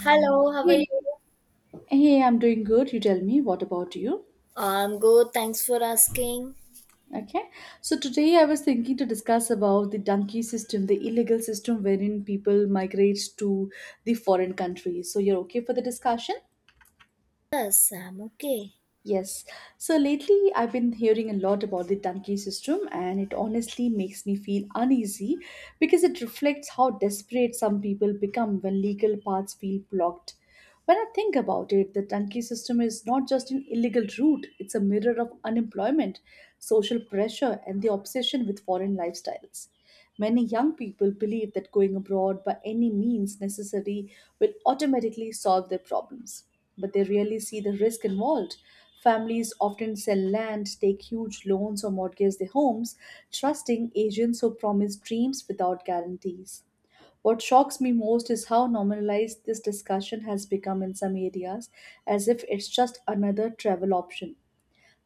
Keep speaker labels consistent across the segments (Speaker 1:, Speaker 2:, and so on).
Speaker 1: Hello, how are
Speaker 2: Hey,
Speaker 1: you?
Speaker 2: hey, I'm doing good. You tell me, what about you?
Speaker 1: I'm good, thanks for asking.
Speaker 2: Okay. So today I was thinking to discuss about the donkey system, the illegal system wherein people migrate to the foreign countries. So you're okay for the discussion?
Speaker 1: Yes, I'm okay.
Speaker 2: Yes. So lately, I've been hearing a lot about the Dunkley system, and it honestly makes me feel uneasy because it reflects how desperate some people become when legal paths feel blocked. When I think about it, the Dunkley system is not just an illegal route, it's a mirror of unemployment, social pressure, and the obsession with foreign lifestyles. Many young people believe that going abroad by any means necessary will automatically solve their problems, but they rarely see the risk involved. Families often sell land, take huge loans, or mortgage their homes, trusting agents who promise dreams without guarantees. What shocks me most is how normalized this discussion has become in some areas, as if it's just another travel option.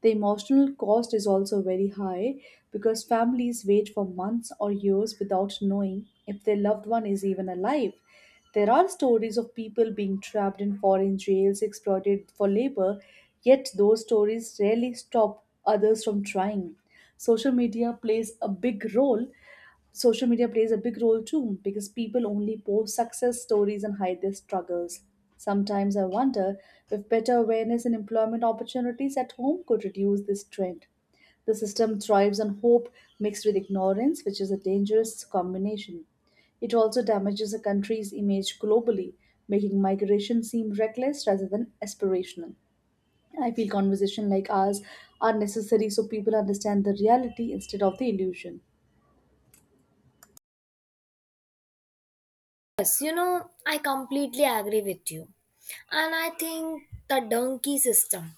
Speaker 2: The emotional cost is also very high because families wait for months or years without knowing if their loved one is even alive. There are stories of people being trapped in foreign jails, exploited for labor, yet those stories rarely stop others from trying. Social media plays a big role Social media plays a big role too because people only post success stories and hide their struggles. Sometimes I wonder if better awareness and employment opportunities at home could reduce this trend. The system thrives on hope mixed with ignorance, which is a dangerous combination. It also damages a country's image globally, making migration seem reckless rather than aspirational. I feel conversations like ours are necessary so people understand the reality instead of the illusion.
Speaker 1: Yes, I completely agree with you. And I think the donkey system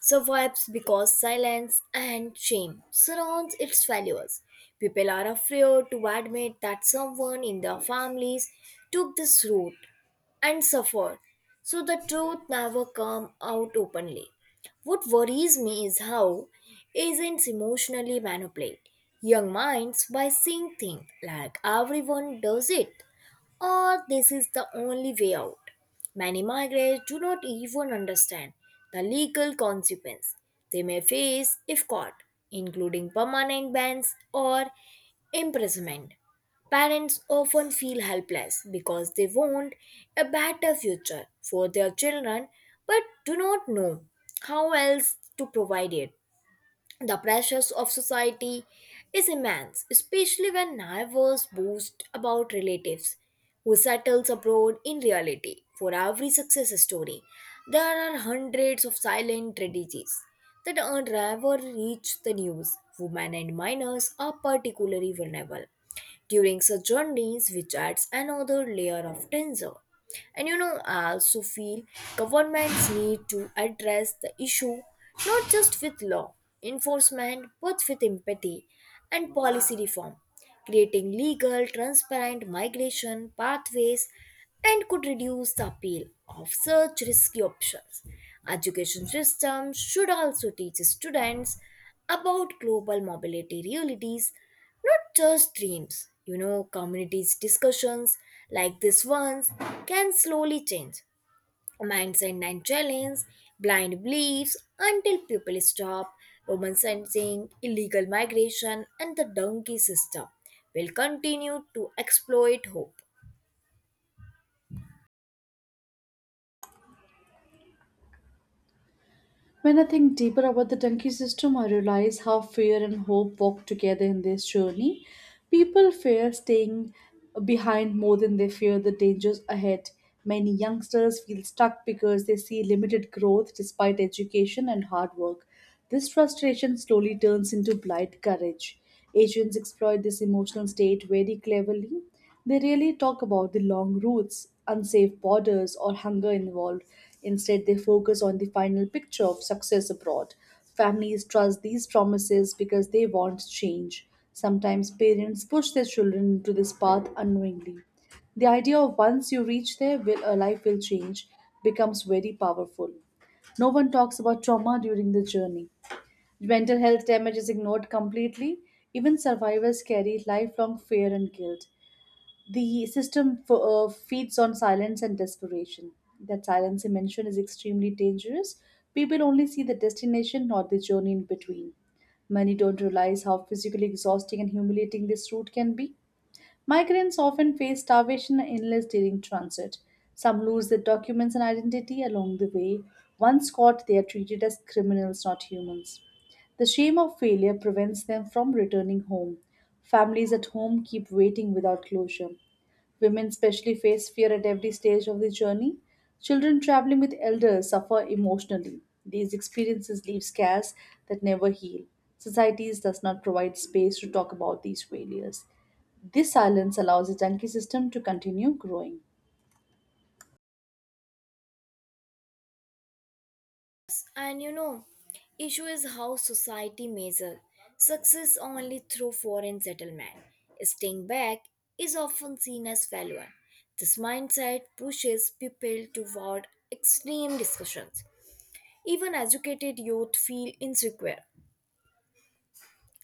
Speaker 1: survives because silence and shame surrounds its failures. People are afraid to admit that someone in their families took this route and suffered. So the truth never comes out openly. What worries me is how agents emotionally manipulate young minds by saying things like everyone does it or this is the only way out. Many migrants do not even understand the legal consequence they may face if caught, including permanent bans or imprisonment. Parents often feel helpless because they want a better future for their children but do not know how else to provide it. The pressures of society is immense, especially when neighbors boast about relatives who settles abroad in reality. For every success story, there are hundreds of silent tragedies that are never reach the news. Women and minors are particularly vulnerable during such journeys, which adds another layer of danger. And I also feel governments need to address the issue not just with law enforcement but with empathy and policy reform creating legal, transparent migration pathways and could reduce the appeal of such risky options. Education systems should also teach students about global mobility realities, not just dreams. You know, communities discussions like this ones can slowly change mindset and challenge, blind beliefs until people stop, Roman sensing, illegal migration, and the donkey system will continue to exploit hope.
Speaker 2: When I think deeper about the donkey system, I realize how fear and hope walk together in this journey. People fear staying behind more than they fear the dangers ahead. Many youngsters feel stuck because they see limited growth despite education and hard work. This frustration slowly turns into blind courage. Asians exploit this emotional state very cleverly. They rarely talk about the long routes, unsafe borders, or hunger involved. Instead, they focus on the final picture of success abroad. Families trust these promises because they want change. Sometimes parents push their children into this path unknowingly. The idea of once you reach there, a life will change becomes very powerful. No one talks about trauma during the journey. Mental health damage is ignored completely. Even survivors carry lifelong fear and guilt. The system feeds on silence and desperation. That silence you mentioned is extremely dangerous. People only see the destination, not the journey in between. Many don't realize how physically exhausting and humiliating this route can be. Migrants often face starvation and illness during transit. Some lose their documents and identity along the way. Once caught, they are treated as criminals, not humans. The shame of failure prevents them from returning home. Families at home keep waiting without closure. Women especially face fear at every stage of the journey. Children traveling with elders suffer emotionally. These experiences leave scars that never heal. Societies does not provide space to talk about these failures. This silence allows the junkie system to continue growing.
Speaker 1: And issue is how society measures success only through foreign settlement. Staying back is often seen as failure. This mindset pushes people toward extreme discussions. Even educated youth feel insecure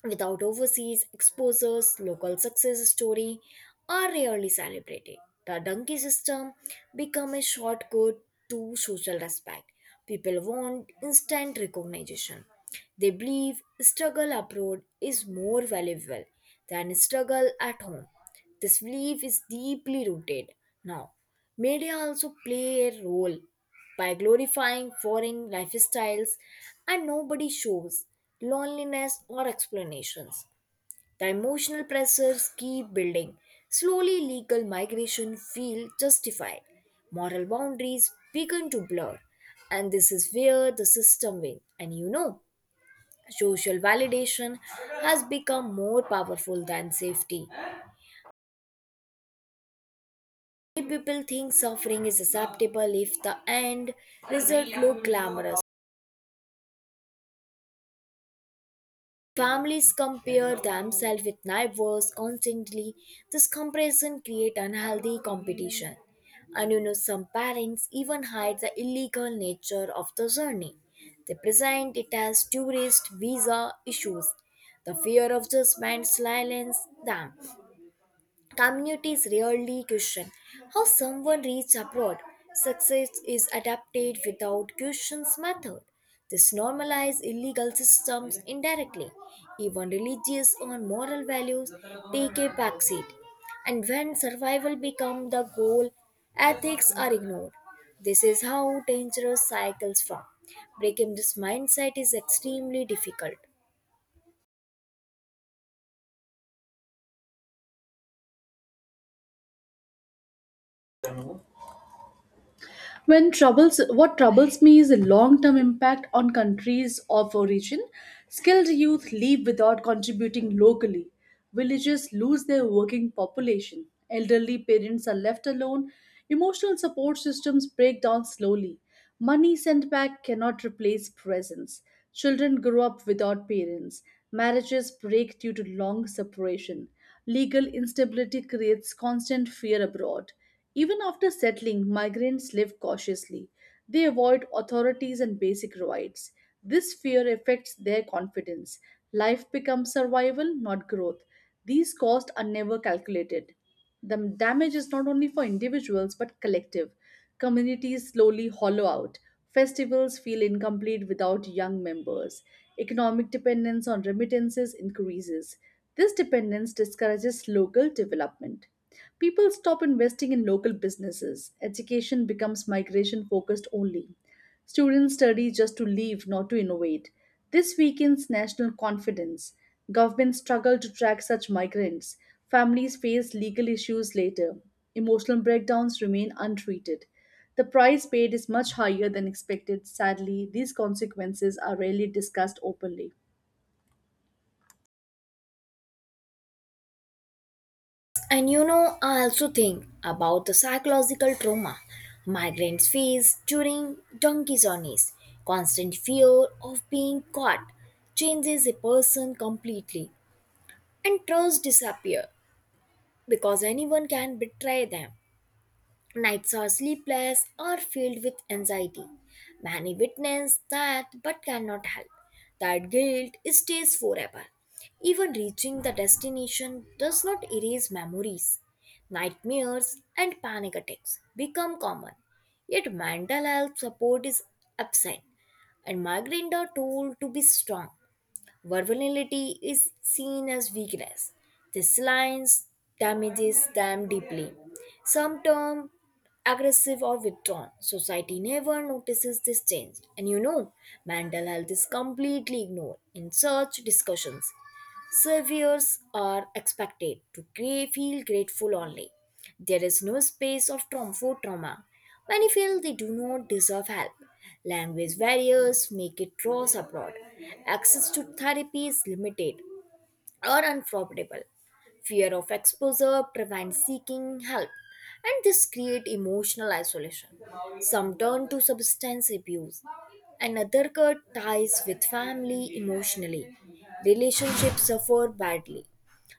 Speaker 1: without overseas exposures, local success story are rarely celebrated. The donkey system become a shortcut to social respect. People want instant recognition. They believe struggle abroad is more valuable than struggle at home. This belief is deeply rooted. Now, media also play a role by glorifying foreign lifestyles, and nobody shows loneliness or explanations. The emotional pressures keep building. Slowly, legal migration feel justified. Moral boundaries begin to blur, and this is where the system wins. And social validation has become more powerful than safety. Many people think suffering is acceptable if the end result look glamorous. Families compare themselves with neighbors constantly. This comparison creates unhealthy competition. And some parents even hide the illegal nature of the journey. They present it as tourist visa issues. The fear of judgment silences them. Communities rarely question how someone reached abroad. Success is adapted without questions method. This normalizes illegal systems indirectly. Even religious or moral values take a backseat. And when survival becomes the goal, ethics are ignored. This is how dangerous cycles form. Breaking this mindset is extremely difficult.
Speaker 2: What troubles me is the long-term impact on countries of origin. Skilled youth leave without contributing locally. Villages lose their working population. Elderly parents are left alone. Emotional support systems break down slowly. Money sent back cannot replace presence. Children grow up without parents. Marriages break due to long separation. Legal instability creates constant fear abroad. Even after settling, migrants live cautiously. They avoid authorities and basic rights. This fear affects their confidence. Life becomes survival, not growth. These costs are never calculated. The damage is not only for individuals but collective. Communities slowly hollow out. Festivals feel incomplete without young members. Economic dependence on remittances increases. This dependence discourages local development. People stop investing in local businesses. Education becomes migration focused only. Students study just to leave, not to innovate. This weakens national confidence. Governments struggle to track such migrants. Families face legal issues later. Emotional breakdowns remain untreated. The price paid is much higher than expected. Sadly, these consequences are rarely discussed openly.
Speaker 1: And I also think about the psychological trauma migrants face during donkey journeys. Constant fear of being caught changes a person completely, and trust disappear because anyone can betray them. Nights are sleepless or filled with anxiety. Many witness that but cannot help. That guilt stays forever. Even reaching the destination does not erase memories. Nightmares and panic attacks become common. Yet mental health support is absent and migraines are told to be strong. Vulnerability is seen as weakness. This alliance damages them deeply. Some term aggressive or withdrawn. Society never notices this change. And mental health is completely ignored in such discussions. Surveyors are expected to feel grateful only. There is no space of trauma for trauma. Many feel they do not deserve help. Language barriers make it draws abroad. Access to therapy is limited or unprofitable. Fear of exposure prevents seeking help, and this creates emotional isolation. Some turn to substance abuse, another cut ties with family emotionally. Relationships suffer badly.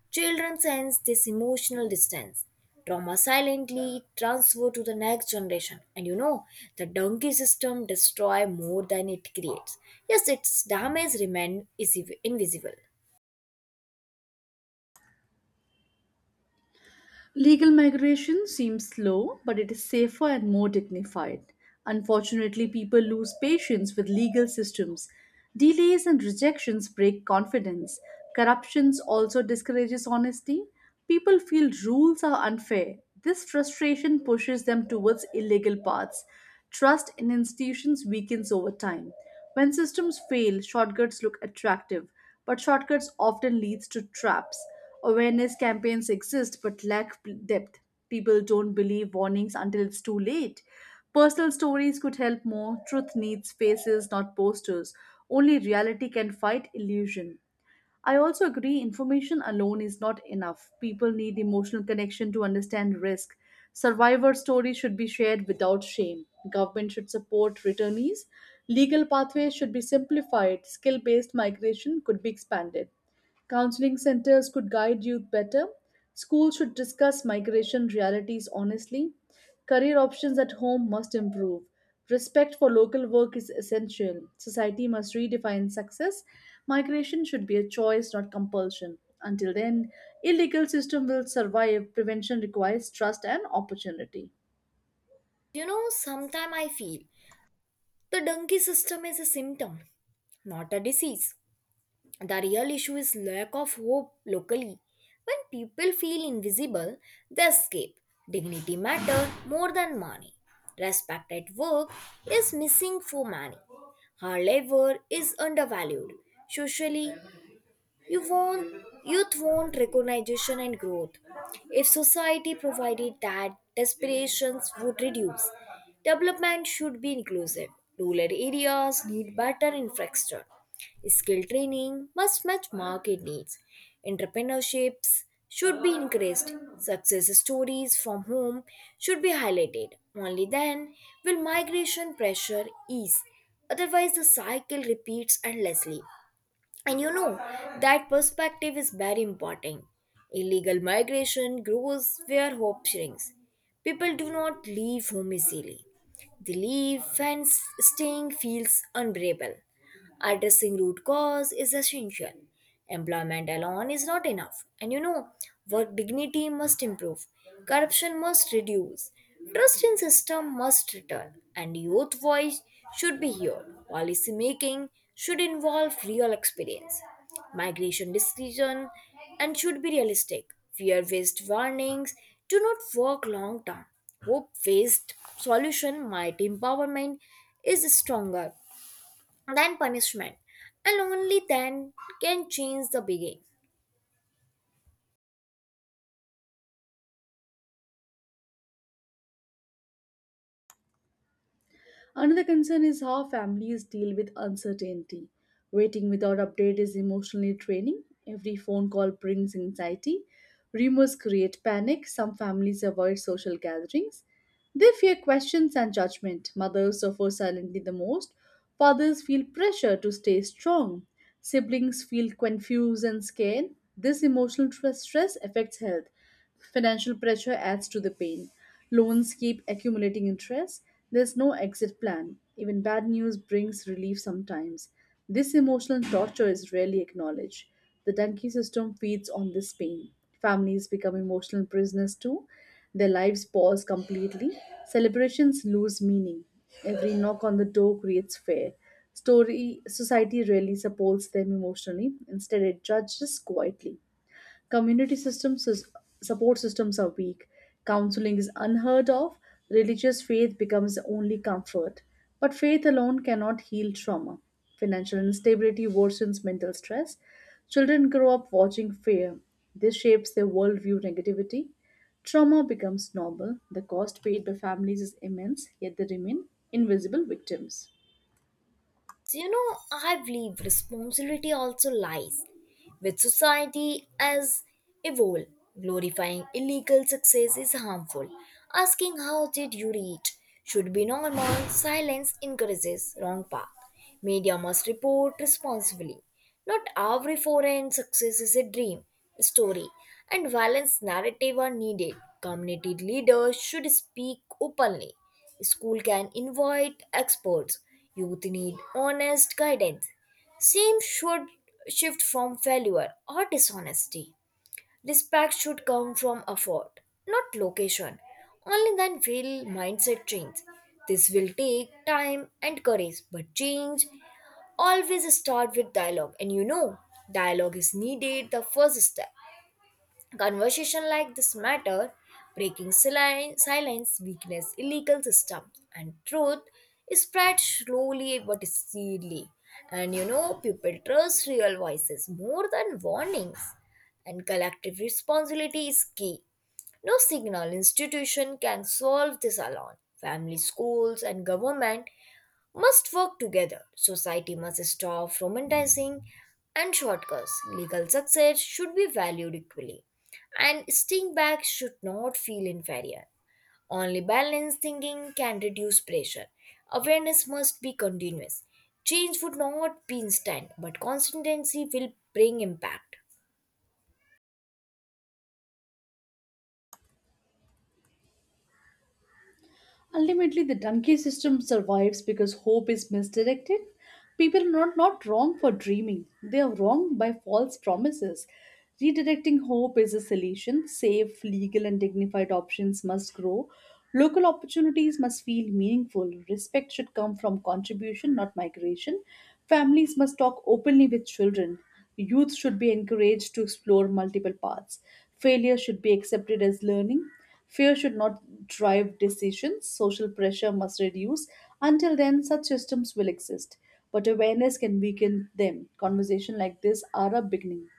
Speaker 1: Children sense this emotional distance. Trauma silently transfer to the next generation. And the donkey system destroy more than it creates. Yes, its damage remain is invisible.
Speaker 2: Legal migration seems slow, but it is safer and more dignified. Unfortunately, people lose patience with legal systems. Delays and rejections break confidence. Corruptions also discourages honesty. People feel rules are unfair. This frustration pushes them towards illegal paths. Trust in institutions weakens over time. When systems fail, shortcuts look attractive, but shortcuts often leads to traps. Awareness campaigns exist but lack depth. People don't believe warnings until it's too late. Personal stories could help more. Truth needs faces, not posters. Only reality can fight illusion. I also agree information alone is not enough. People need emotional connection to understand risk. Survivor stories should be shared without shame. Government should support returnees. Legal pathways should be simplified. Skill based migration could be expanded. Counseling centers could guide youth better. Schools should discuss migration realities honestly. Career options at home must improve. Respect for local work is essential. Society must redefine success. Migration should be a choice, not compulsion. Until then, illegal system will survive. Prevention requires trust and opportunity.
Speaker 1: You know, sometimes I feel the donkey system is a symptom, not a disease. The real issue is lack of hope locally. When people feel invisible, they escape. Dignity matter more than money. Respect at work is missing for many. Her labor is undervalued. Socially, you won't, youth won't recognition and growth. If society provided that, desperations would reduce. Development should be inclusive. Rural areas need better infrastructure. Skill training must match market needs. Entrepreneurships should be increased. Success stories from home should be highlighted. Only then will migration pressure ease. Otherwise, the cycle repeats endlessly. And that perspective is very important. Illegal migration grows where hope shrinks. People do not leave home easily. They leave when staying feels unbearable. Addressing root cause is essential. Employment alone is not enough. And work dignity must improve, corruption must reduce, trust in system must return, and youth voice should be heard. Policy making should involve real experience, migration decision, and should be realistic. Fear-based warnings do not work long term. Hope-based solution might empowerment is stronger than punishment, and only then can change the begin.
Speaker 2: Another concern is how families deal with uncertainty. Waiting without update is emotionally draining. Every phone call brings anxiety. Rumors create panic. Some families avoid social gatherings. They fear questions and judgment. Mothers suffer silently the most. Fathers feel pressure to stay strong. Siblings feel confused and scared. This emotional stress affects health. Financial pressure adds to the pain. Loans keep accumulating interest. There's no exit plan. Even bad news brings relief sometimes. This emotional torture is rarely acknowledged. The donkey system feeds on this pain. Families become emotional prisoners too. Their lives pause completely. Celebrations lose meaning. Every knock on the door creates fear. Story society rarely supports them emotionally. Instead, it judges quietly. Community systems, is- support systems are weak. Counseling is unheard of. Religious faith becomes the only comfort. But faith alone cannot heal trauma. Financial instability worsens mental stress. Children grow up watching fear. This shapes their worldview negativity. Trauma becomes normal. The cost paid by families is immense, yet they remain invisible victims.
Speaker 1: You know, I believe responsibility also lies with society as a whole. Glorifying illegal success is harmful. Asking how did you reach should be normal. Silence encourages wrong path. Media must report responsibly. Not every foreign success is a dream, story, and violence narrative are needed. Community leaders should speak openly. School can invite experts. Youth need honest guidance. Same should shift from failure or dishonesty. Respect should come from effort, not location. Only then will mindset change. This will take time and courage, but change always start with dialogue. And dialogue is needed the first step. Conversation like this matter, breaking silence, weakness, illegal system, and truth is spread slowly but steadily. And people trust real voices more than warnings, and collective responsibility is key. No single institution can solve this alone. Family, schools, and government must work together. Society must stop romanticizing and shortcuts. Legal success should be valued equally, and staying back should not feel inferior. Only balanced thinking can reduce pressure. Awareness must be continuous. Change would not be instant, but consistency will bring impact.
Speaker 2: Ultimately, the donkey system survives because hope is misdirected. People are not wrong for dreaming, they are wrong by false promises. Redirecting hope is a solution. Safe, legal, and dignified options must grow. Local opportunities must feel meaningful. Respect should come from contribution, not migration. Families must talk openly with children. Youth should be encouraged to explore multiple paths. Failure should be accepted as learning. Fear should not drive decisions, social pressure must reduce. Until then, such systems will exist, but awareness can weaken them. Conversations like this are a beginning.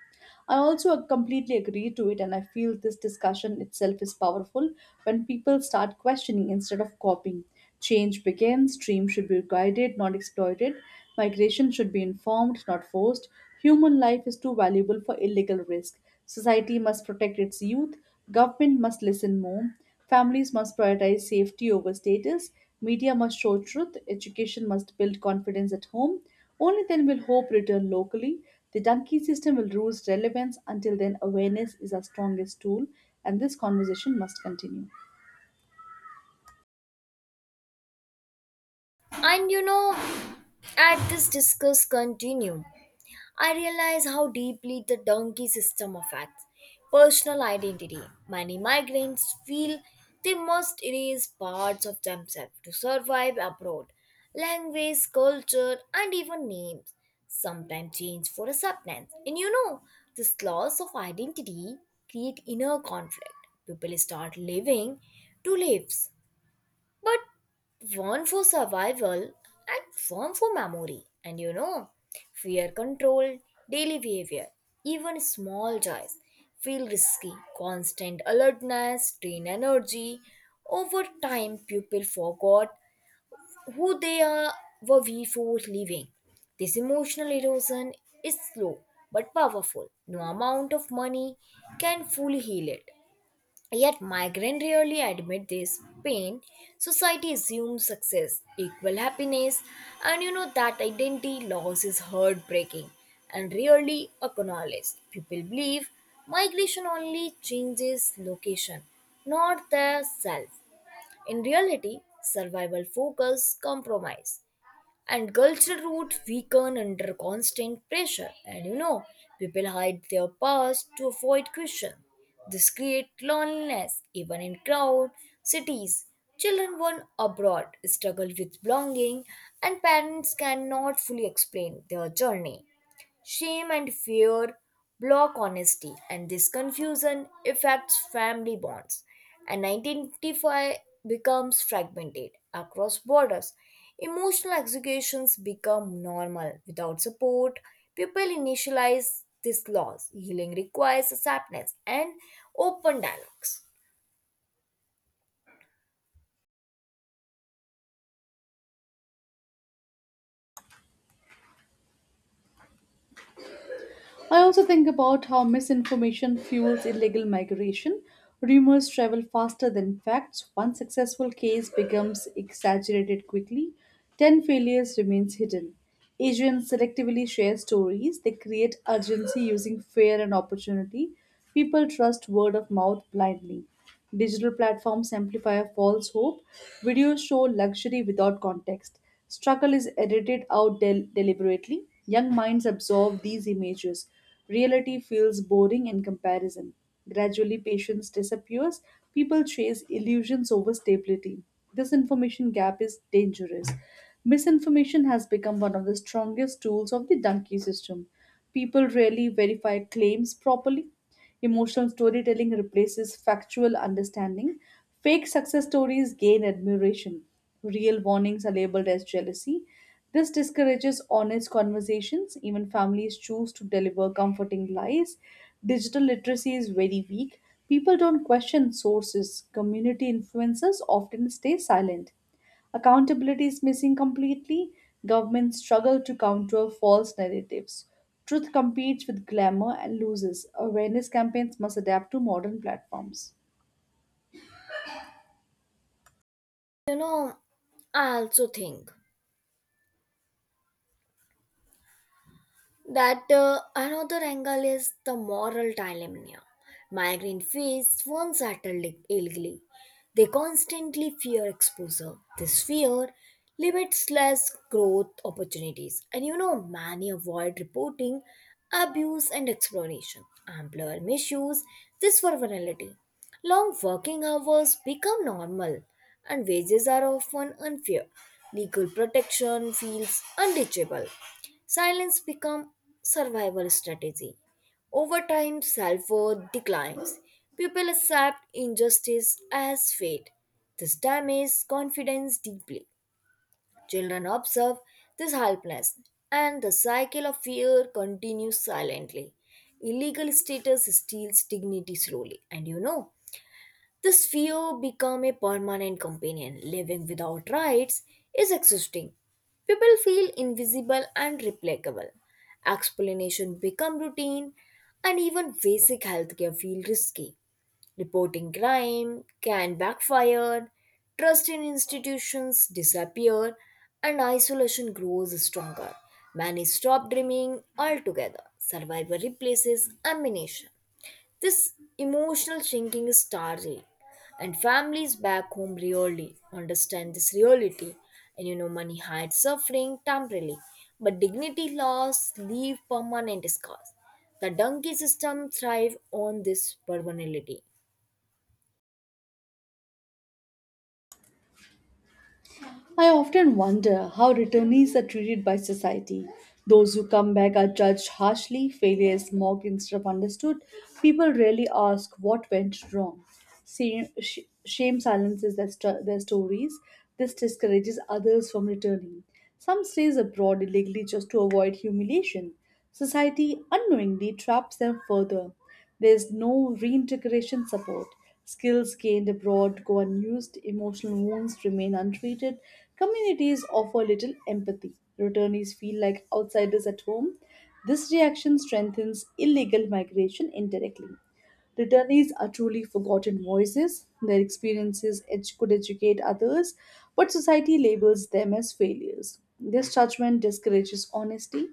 Speaker 2: I also completely agree to it, and I feel this discussion itself is powerful when people start questioning instead of copying. Change begins, dreams should be guided, not exploited. Migration should be informed, not forced. Human life is too valuable for illegal risk. Society must protect its youth. Government must listen more. Families must prioritize safety over status. Media must show truth. Education must build confidence at home. Only then will hope return locally. The donkey system will lose relevance. Until then, awareness is our strongest tool, and this conversation must continue.
Speaker 1: And at this discuss continue. I realize how deeply the donkey system affects personal identity. Many migrants feel they must erase parts of themselves to survive abroad. Language, culture, and even names sometimes change for acceptance. And this loss of identity create inner conflict. People start living two lives but one for survival and one for memory. And fear control, daily behavior, even small joys feel risky. Constant alertness, strain energy. Over time, people forgot who they are were before leaving. This emotional erosion is slow but powerful. No amount of money can fully heal it. Yet migrants rarely admit this pain. Society assumes success equal happiness, and you know that identity loss is heartbreaking and rarely acknowledged. People believe migration only changes location, not the self. In reality, survival focus compromise and cultural roots weaken under constant pressure, and people hide their past to avoid question. This creates loneliness even in crowd cities. Children born abroad struggle with belonging, and parents cannot fully explain their journey. Shame and fear block honesty, and this confusion affects family bonds, and identify becomes fragmented across borders. Emotional executions become normal without support. People initialize this loss. Healing requires acceptance and open dialogues.
Speaker 2: I also think about how misinformation fuels illegal migration. Rumors travel faster than facts. One successful case becomes exaggerated quickly, 10 failures remains hidden. Asians selectively share stories. They create urgency using fear and opportunity. People trust word of mouth blindly. Digital platforms amplify a false hope. Videos show luxury without context. Struggle is edited out deliberately. Young minds absorb these images. Reality feels boring in comparison. Gradually, patience disappears. People chase illusions over stability. This information gap is dangerous. Misinformation has become one of the strongest tools of the donkey system. People rarely verify claims properly. Emotional storytelling replaces factual understanding. Fake success stories gain admiration. Real warnings are labeled as jealousy. This discourages honest conversations. Even families choose to deliver comforting lies. Digital literacy is very weak. People don't question sources. Community influencers often stay silent. Accountability is missing completely. Governments struggle to counter false narratives. Truth competes with glamour and loses. Awareness campaigns must adapt to modern platforms.
Speaker 1: You know, I also think that another angle is the moral dilemma. Migrant face one settled illegally. They constantly fear exposure. This fear limits less growth opportunities. And many avoid reporting abuse and exploration. Employer misuse this for vulnerability. Long working hours become normal and wages are often unfair. Legal protection feels unreachable. Silence becomes survival strategy. Over time, self-worth declines. People accept injustice as fate. This damages confidence deeply. Children observe this helplessness, and the cycle of fear continues silently. Illegal status steals dignity slowly, and this fear become a permanent companion. Living without rights is exhausting. People feel invisible and replicable. Explanation become routine and even basic healthcare feel risky. Reporting crime can backfire, trust in institutions disappear, and isolation grows stronger. Many stop dreaming altogether. Survivor replaces ammunition. This emotional shrinking is startling, and families back home really understand this reality. And money hides suffering temporarily, but dignity loss leave permanent scars. The donkey system thrive on this permanently.
Speaker 2: I often wonder how returnees are treated by society. Those who come back are judged harshly, failure is mocked instead of understood. People rarely ask what went wrong. Shame, sh- shame silences their stories. This discourages others from returning. Some stays abroad illegally just to avoid humiliation. Society unknowingly traps them further. There's no reintegration support. Skills gained abroad go unused, emotional wounds remain untreated, communities offer little empathy, returnees feel like outsiders at home. This reaction strengthens illegal migration indirectly. Returnees are truly forgotten voices. Their experiences could educate others, but society labels them as failures. This judgment discourages honesty.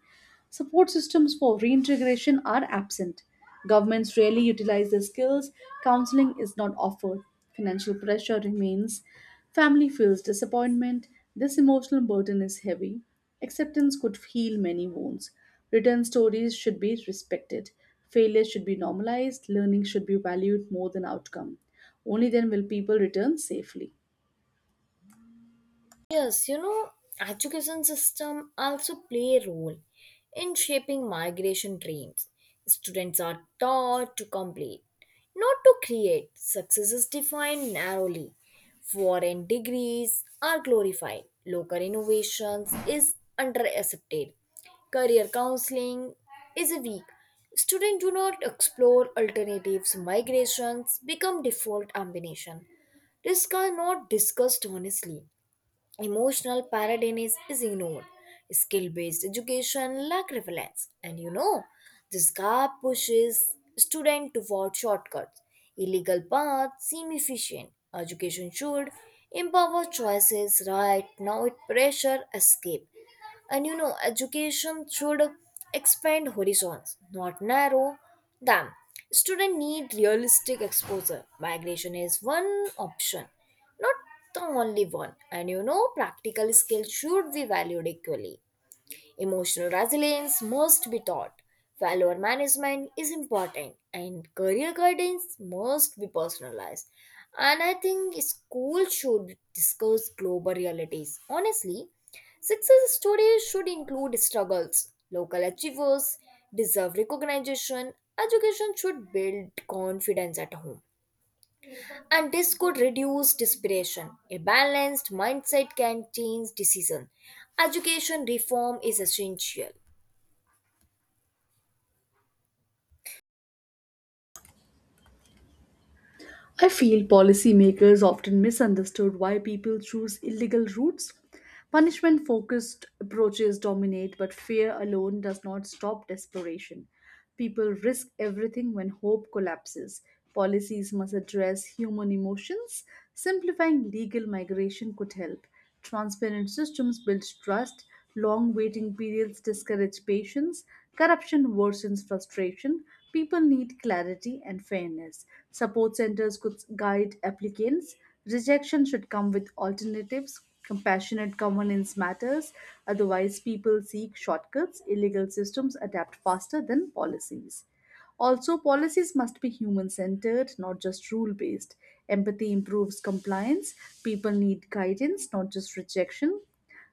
Speaker 2: Support systems for reintegration are absent. Governments rarely utilize their skills. Counseling is not offered. Financial pressure remains. Family feels disappointment. This emotional burden is heavy. Acceptance could heal many wounds. Written stories should be respected. Failure should be normalized, learning should be valued more than outcome. Only then will people return safely.
Speaker 1: Yes, you know, education system also play a role in shaping migration dreams. Students are taught to complete, not to create. Success is defined narrowly. Foreign degrees are glorified. Local innovations is underaccepted. Career counseling is a weak. Students do not explore alternatives. Migrations become default ambition. Risks are not discussed honestly emotional paradigm is ignored. Skill based education lack relevance. And this gap pushes students toward shortcuts. Illegal paths seem efficient. Education should empower choices right now it pressure escape, and education should expand horizons not narrow them. Students need realistic exposure. Migration is one option, not the only one, and practical skills should be valued equally. Emotional resilience must be taught. Failure management is important and career guidance must be personalized. And I think school should discuss global realities. Honestly, success stories should include struggles. Local achievers deserve recognition. Education should build confidence at home. And this could reduce desperation. A balanced mindset can change decision. Education reform is essential.
Speaker 2: I feel policymakers often misunderstood why people choose illegal routes. Punishment focused approaches dominate, but fear alone does not stop desperation. People risk everything when hope collapses. Policies must address human emotions. Simplifying legal migration could help. Transparent systems build trust, long waiting periods discourage patience, corruption worsens frustration, people need clarity and fairness. Support centers could guide applicants, rejection should come with alternatives, compassionate governance matters, otherwise, people seek shortcuts, illegal systems adapt faster than policies. Also, policies must be human centered, not just rule based. Empathy improves compliance. People need guidance, not just rejection.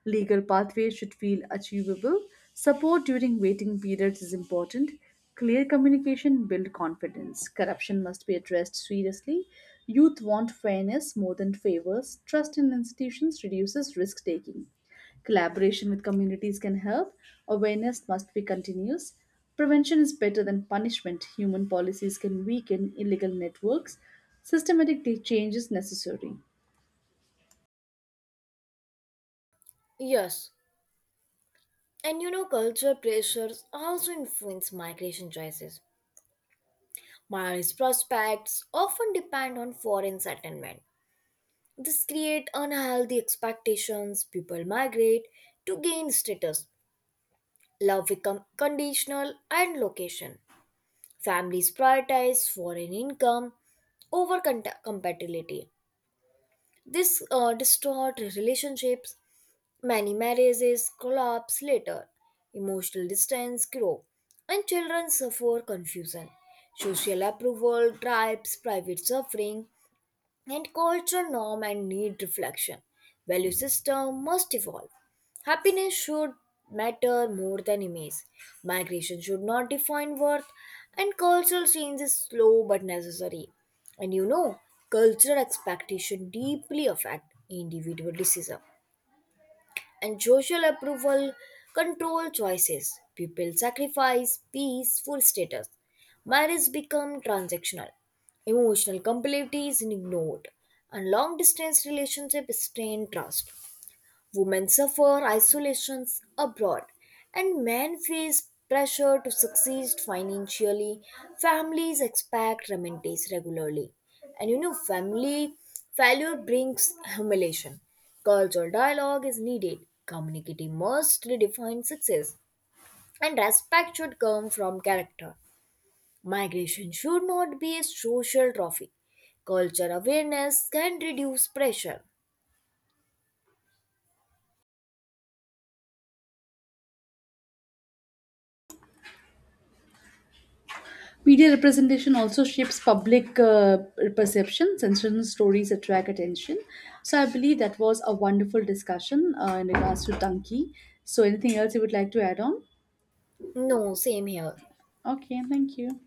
Speaker 2: Legal pathways should feel achievable. Support during waiting periods is important. Clear communication build confidence. Corruption must be addressed seriously. Youth want fairness more than favors. Trust in institutions reduces risk taking. Collaboration with communities can help. Awareness must be continuous. Prevention is better than punishment. Human policies can weaken illegal networks. Systematic change is necessary.
Speaker 1: Yes, and cultural pressures also influence migration choices. Miles prospects often depend on foreign settlement. This creates unhealthy expectations. People migrate to gain status. Love become conditional and location. Families prioritize foreign income over compatibility. This distorts relationships. Many marriages collapse later, emotional distance grow, and children suffer confusion. Social approval drives private suffering, and cultural norm and need reflection. Value system must evolve. Happiness should matter more than image. Migration should not define worth, and cultural change is slow but necessary. And cultural expectation deeply affect individual decision and social approval control choices. People sacrifice peace for status. Marriage become transactional. Emotional compatibility is ignored, and long distance relationships strain trust. Women suffer isolations abroad, and men face pressure to succeed financially. Families expect remittances regularly, and family failure brings humiliation. Cultural dialogue is needed. Community must redefine success, and respect should come from character. Migration should not be a social trophy. Culture awareness can reduce pressure.
Speaker 2: Media representation also shapes public perception. Sensational stories attract attention. So I believe that was a wonderful discussion in regards to Donkey. So anything else you would like to add on?
Speaker 1: No, same here.
Speaker 2: Okay, thank you.